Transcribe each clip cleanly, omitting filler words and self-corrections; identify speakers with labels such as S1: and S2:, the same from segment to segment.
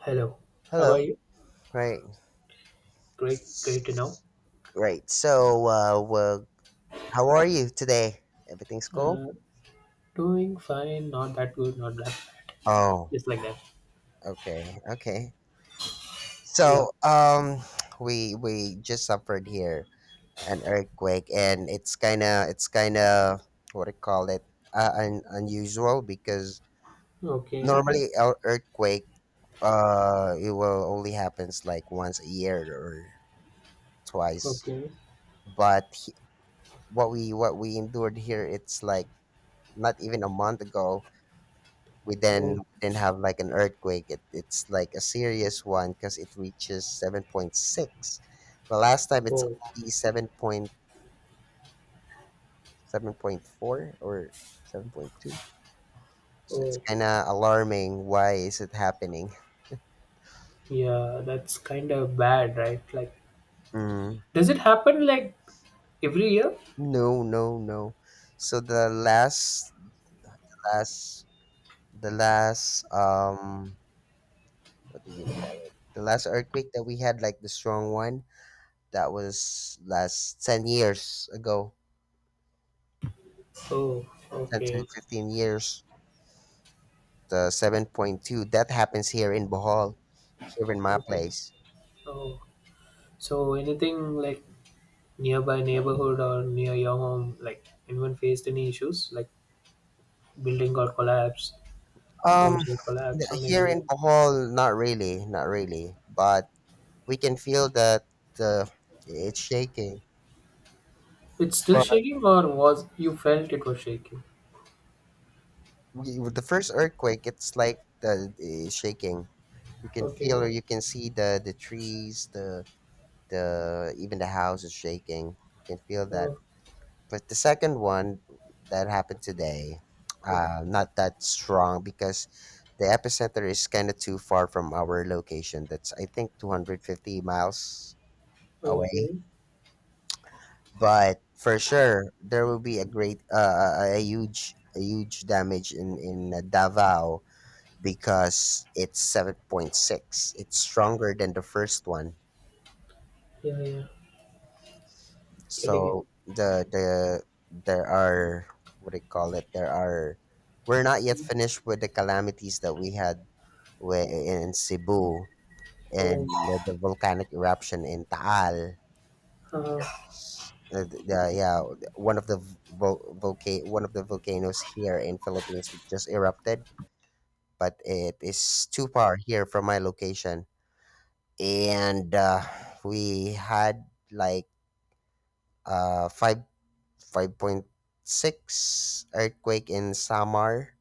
S1: Hello, how are
S2: Hello.
S1: you?
S2: Right.
S1: Great, great to know.
S2: Right. So, well, how are you today? Everything's cool?
S1: Uh, doing fine, not that good, not that bad.
S2: Oh,
S1: Just like that.
S2: okay. Okay.
S1: Yep.
S2: So, we just suffered here an earthquake, and it's kind of what I call it? Unusual because
S1: Okay,
S2: normally an earthquake it will only happens like once a year or twice,
S1: okay.
S2: but he, what we endured here it's like not even a month ago, we then
S1: Oh,
S2: we then have like an earthquake, it's like a serious one because it reaches 7.6. The last time it's
S1: oh,
S2: only 7.7.4, or 7.2, so it's
S1: oh.
S2: kind of alarming why is it happening.
S1: Yeah, that's kind of bad, right? Like,
S2: Mm.
S1: does it happen like every year?
S2: No, no, no. So the last the last what do you call it, the last earthquake that we had like the strong one, that was last 10 years ago,
S1: Oh,
S2: 10 to
S1: okay,
S2: 15 years, the 7.2 that happens here in Bohol, here in my
S1: okay.
S2: place.
S1: Oh, so anything like nearby neighborhood or near your home, like anyone faced any issues, like building got collapsed,
S2: um
S1: homes got collapsed, something
S2: Here
S1: like that?
S2: in Bohol, not really, not really, but we can feel that, uh, it's shaking.
S1: It's still
S2: But
S1: shaking, or was you felt it was shaking?
S2: with the first earthquake it's like the shaking, you can feel,
S1: Okay.
S2: or you can see the trees, the even the house is shaking, you can feel that.
S1: Oh,
S2: But the second one that happened today,
S1: okay.
S2: not that strong because the epicenter is kind of too far from our location. That's, I think, 250 miles away.
S1: Okay.
S2: But for sure, there will be a great, a huge, a huge damage in Davao because it's 7.6. It's stronger than the first one.
S1: Yeah, yeah. Getting it.
S2: So there are, what do you call it? There are, we're not yet finished with the calamities that we had in Cebu and
S1: Oh,
S2: the volcanic eruption in Taal.
S1: uh,
S2: 'Cause, yeah, one of the one of the volcanoes here in Philippines just erupted, but it is too far here from my location, and we had like five 5.6 earthquake in Samar.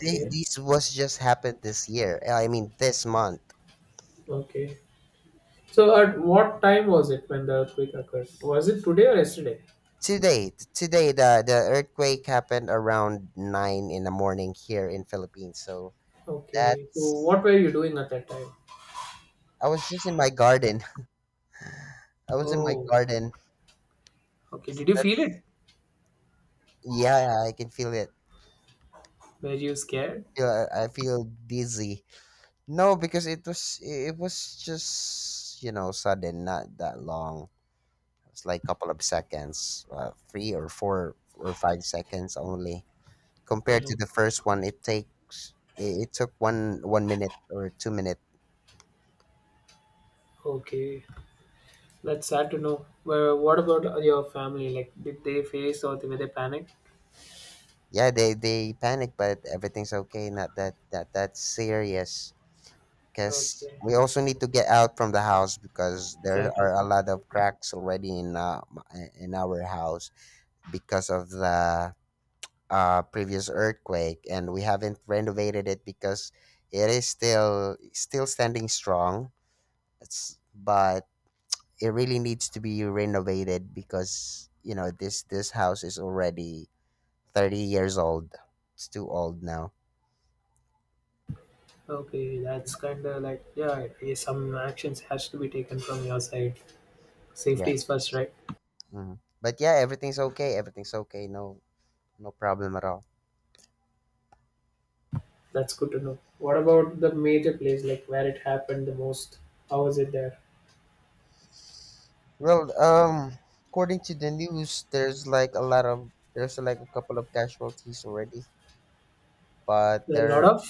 S2: This was just happened this year. I mean this month.
S1: Okay. So, at what time was it when the earthquake occurred? Was it today or yesterday?
S2: Today, the earthquake happened around 9 in the morning here in Philippines. So
S1: Okay. So,
S2: that's
S1: what were you doing at that time?
S2: I was just in my garden. I was in my
S1: Oh,
S2: garden.
S1: okay.
S2: So
S1: Did you feel
S2: that's
S1: it?
S2: Yeah, I can feel it.
S1: Were you scared?
S2: I feel dizzy. No, because it was just sudden, not that long. It's like couple of seconds, 3 or 4 or 5 seconds only. Compared to
S1: Oh,
S2: the first one, it took one minute or 2 minute.
S1: okay. That's sad to know. Well, what about your family? Like, did they face or were they panicked?
S2: Yeah, they panic, but everything's okay. Not that's serious. Cause
S1: Okay,
S2: we also need to get out from the house because there
S1: exactly.
S2: are a lot of cracks already in in our house because of the previous earthquake, and we haven't renovated it because it is still standing strong. But it really needs to be renovated because you know this house is already 30 years old. It's too old now.
S1: Okay, that's kind of like yeah, yeah, some actions has to be taken from your side. Safety is
S2: Yes.
S1: first, right?
S2: Mhm. But yeah, everything's okay. Everything's okay. No no problem at all.
S1: That's good to know. What about the major place, like where it happened the most? How was it there?
S2: Well, according to the news, there's like a couple of casualties already, but
S1: There are a
S2: there
S1: lot
S2: are
S1: of.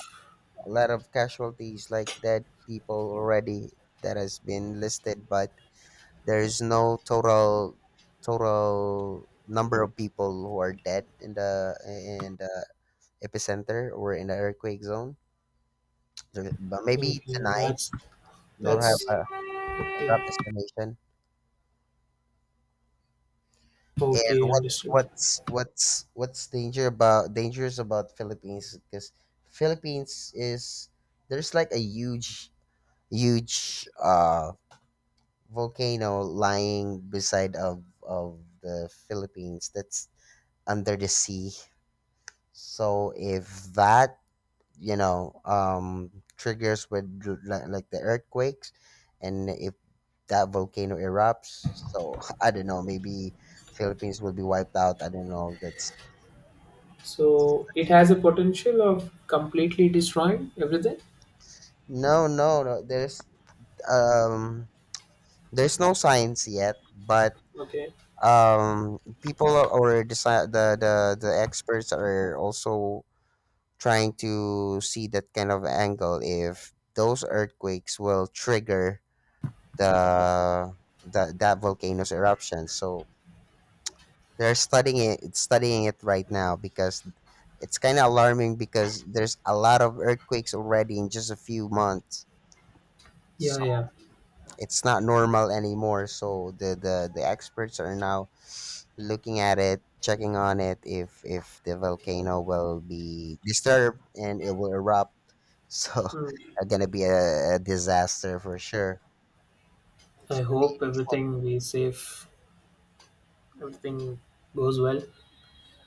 S2: a lot of casualties, like dead people already, that has been listed. But there is no total number of people who are dead in the epicenter or in the earthquake zone. But maybe
S1: Okay,
S2: tonight
S1: that's
S2: you'll have
S1: that's
S2: a rough estimation. And
S1: okay, understood.
S2: what's danger about dangerous about Philippines because Philippines is there's like a huge volcano lying beside of the Philippines that's under the sea. So if that, you know, um, triggers with like the earthquakes, and if that volcano erupts, so I don't know, maybe Philippines will be wiped out. I don't know. That's
S1: So it has a potential of completely destroying everything.
S2: No, no, no. Um, there's no science yet, but
S1: Okay.
S2: or the experts are also trying to see that kind of angle if those earthquakes will trigger the that volcano's eruption. So they're studying it right now because it's kind of alarming because there's a lot of earthquakes already in just a few months.
S1: Yeah,
S2: So
S1: yeah.
S2: it's not normal anymore. So the experts are now looking at it, checking on it, if the volcano will be disturbed and it will erupt. So
S1: Hmm.
S2: it's gonna be a disaster for sure.
S1: I
S2: It's
S1: hope everything be safe. Everything goes well.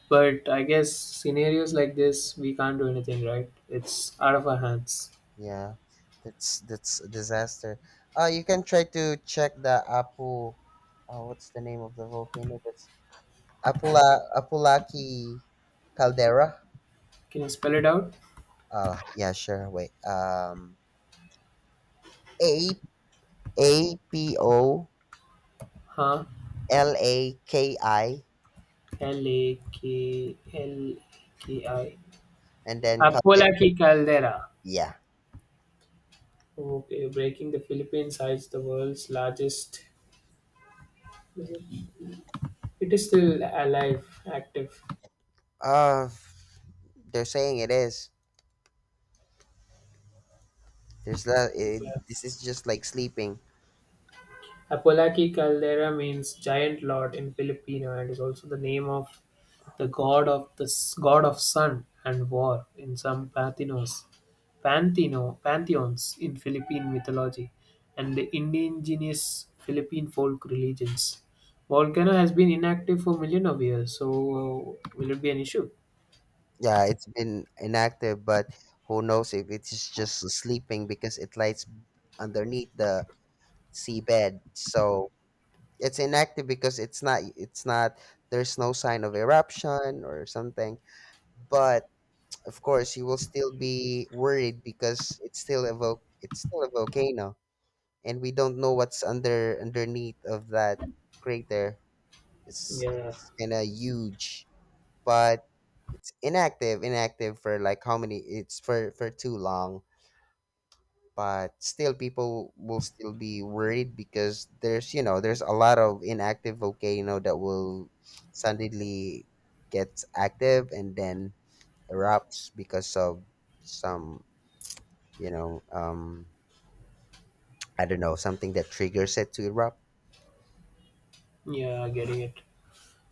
S1: But I guess scenarios like this, we can't do anything, right? It's out of our hands.
S2: Yeah, that's a disaster. You can try to check the Apu. What's the name of the volcano? That's Apula Apulaki caldera.
S1: Can you spell it out?
S2: Yeah, sure. Wait. A A P O
S1: Huh?
S2: L A K I,
S1: L A K L K I.
S2: and then
S1: Apolaki caldera.
S2: yeah.
S1: Okay, breaking the Philippines hides the world's largest. It is still alive, active.
S2: Uh, they're saying it is. There's the. It, this is just like sleeping.
S1: Apolaki Caldera means "giant lord" in Filipino and is also the name of the god of the god of sun and war in some Panthenos, Pantheno, pantheons in Philippine mythology and the indigenous Philippine folk religions. Volcano has been inactive for million of years, so will it be an issue?
S2: Yeah, it's been inactive, but who knows if it's just sleeping because it lies underneath the seabed. So it's inactive because it's not, there's no sign of eruption or something. But of course, you will still be worried because it's still a volcano, and we don't know what's underneath of that crater.
S1: Yeah.
S2: It's kind of huge, but it's inactive for like how many? It's for too long. But still, people will still be worried because there's you know there's a lot of inactive volcano that will suddenly gets active and then erupts because of some you know um I don't know, something that triggers it to erupt.
S1: Yeah, getting it.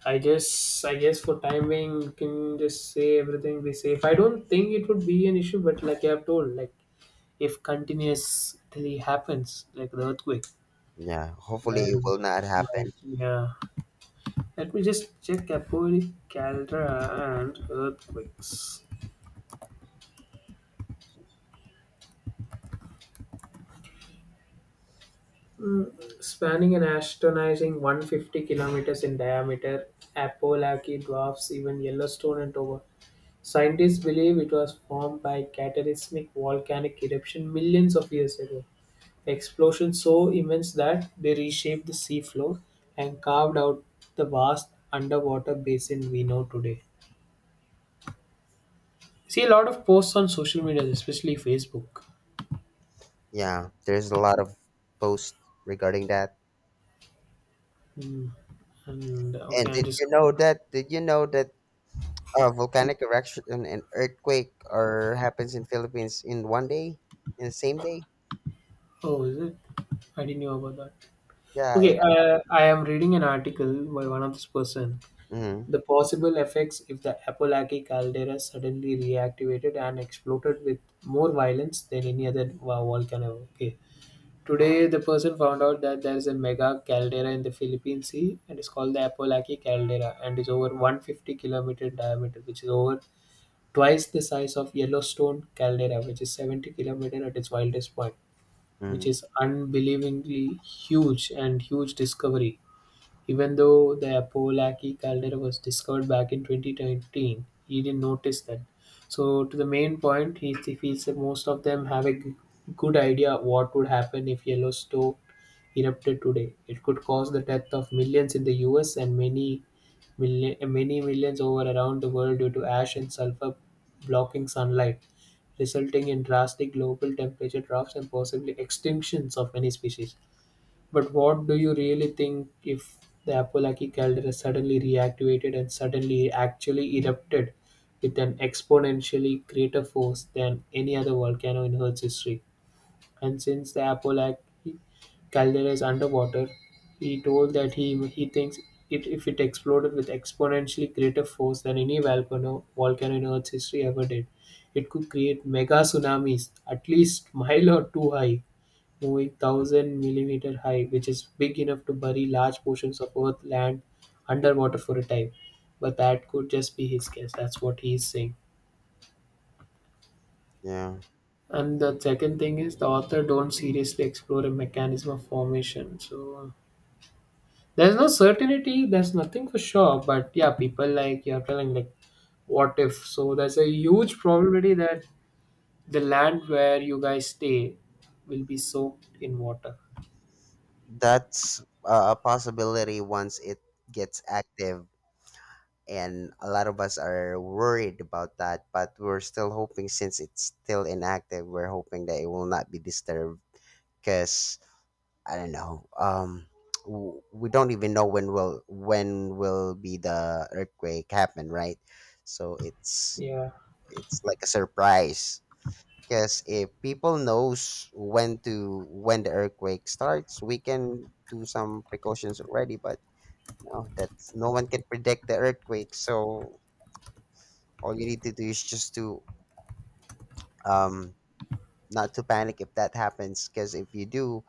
S1: I guess for time being you can just say everything be safe. I don't think it would be an issue, but like I've told, like if continuously happens, like the earthquake,
S2: Yeah, hopefully it
S1: then
S2: will
S1: it
S2: not
S1: might
S2: happen.
S1: yeah. Let me just check Capoli Caldera and earthquakes. Mm, spanning an astonishing 150 kilometers in diameter, Apolaki dwarfs even Yellowstone and Toba. Scientists believe it was formed by cataclysmic volcanic eruption millions of years ago. Explosions so immense that they reshaped the seafloor and carved out the vast underwater basin we know today. See a lot of posts on social media, especially Facebook.
S2: Yeah, there's a lot of posts regarding that.
S1: Hmm. And
S2: And
S1: okay, I'm just.
S2: did you know that volcanic eruption and earthquake are happens in Philippines in one day, in the same day?
S1: Oh, is it? I didn't know about that.
S2: Yeah,
S1: Okay, I am reading an article by one of this person.
S2: mm-hmm.
S1: The possible effects if the Apalachee caldera suddenly reactivated and exploded with more violence than any other volcano. Okay, today, the person found out that there is a mega caldera in the Philippine Sea and it's called the Apalachee Caldera and is over 150-kilometer diameter, which is over twice the size of Yellowstone Caldera, which is 70 kilometer at its wildest point, which
S2: Mm-hmm.
S1: is unbelievably huge and huge discovery. Even though the Apollaki calendar was discovered back in 2013, he didn't notice that. So, to the main point, he feels that most of them have a good idea of what would happen if Yellowstone erupted today. It could cause the death of millions in the US and many, million, many millions over around the world due to ash and sulfur blocking sunlight, resulting in drastic global temperature drops and possibly extinctions of many species. But what do you really think if the Apollaki caldera suddenly reactivated and suddenly actually erupted with an exponentially greater force than any other volcano in Earth's history? And since the Apollaki caldera is underwater, he told that he thinks it if it exploded with exponentially greater force than any volcano in Earth's history ever did, it could create mega tsunamis at least mile or two high moving 1,000 millimeter high, which is big enough to bury large portions of Earth land underwater for a time. But that could just be his guess. That's what he is saying.
S2: Yeah,
S1: And the second thing is the author don't seriously explore a mechanism of formation. So there's no certainty. There's nothing for sure. But yeah, people like you're telling like what if. So there's a huge probability that the land where you guys stay will be soaked in water.
S2: that's a possibility once it gets active, and a lot of us are worried about that. But we're still hoping, since it's still inactive, we're hoping that it will not be disturbed. Cause I don't know, we don't even know when will be the earthquake happen, right? So
S1: Yeah.
S2: it's like a surprise. Because if people knows when the earthquake starts, we can do some precautions already. But no, that's no one can predict the earthquake. So all you need to do is just to um not to panic if that happens. Because if you do,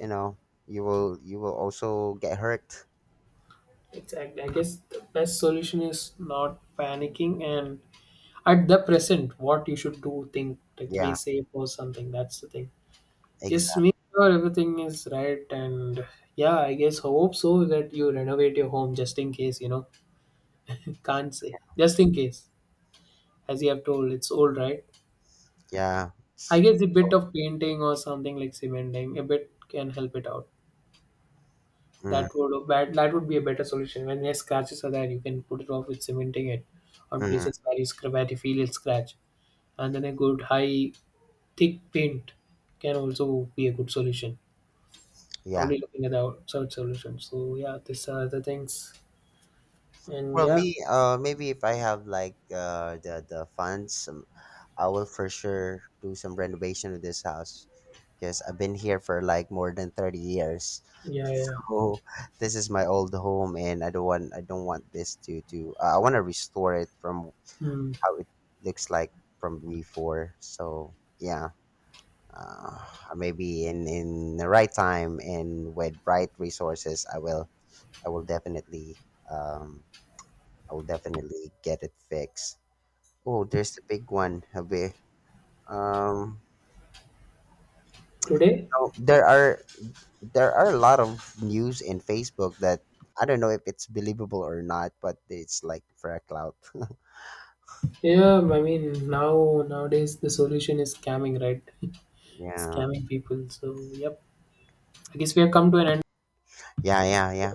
S2: you know you will also get hurt.
S1: Exactly. I guess the best solution is not panicking and at the present, what you should do, think like be
S2: Yeah,
S1: safe or something. That's the thing. Just
S2: exactly.
S1: make sure everything is right and yeah, I guess hope so that you renovate your home just in case, you know. Can't say. Just in case. As you have told, it's old, right?
S2: Yeah.
S1: I guess a bit of painting or something like cementing, a bit can help it out.
S2: Mm,
S1: That would be a better solution. When yes, scratches are there, you can put it off with cementing it on
S2: mm,
S1: places where you, where you feel it scratch, and then a good high thick paint can also be a good solution.
S2: yeah.
S1: Only looking at the outside solution. So yeah, these are the things, and
S2: Well,
S1: yeah,
S2: maybe if I have like the funds, I will for sure do some renovation of this house because I've been here for like more than 30 years.
S1: yeah, yeah.
S2: So this is my old home and I don't want this to I want to restore it from
S1: Hmm.
S2: how it looks like from before. So yeah, uh, maybe in the right time and with right resources, I will I will definitely um I will definitely get it fixed. Oh, there's the big one, Habe. Um,
S1: Today,
S2: no, there are a lot of news in Facebook that I don't know if it's believable or not, but it's like for a clout.
S1: yeah, I mean now nowadays the solution is scamming, right?
S2: Yeah,
S1: Scamming people. So yep, I guess we have come to an end.
S2: yeah, yeah, yeah.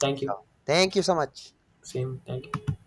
S1: Thank
S2: So
S1: you.
S2: thank you so much.
S1: Same. Thank you.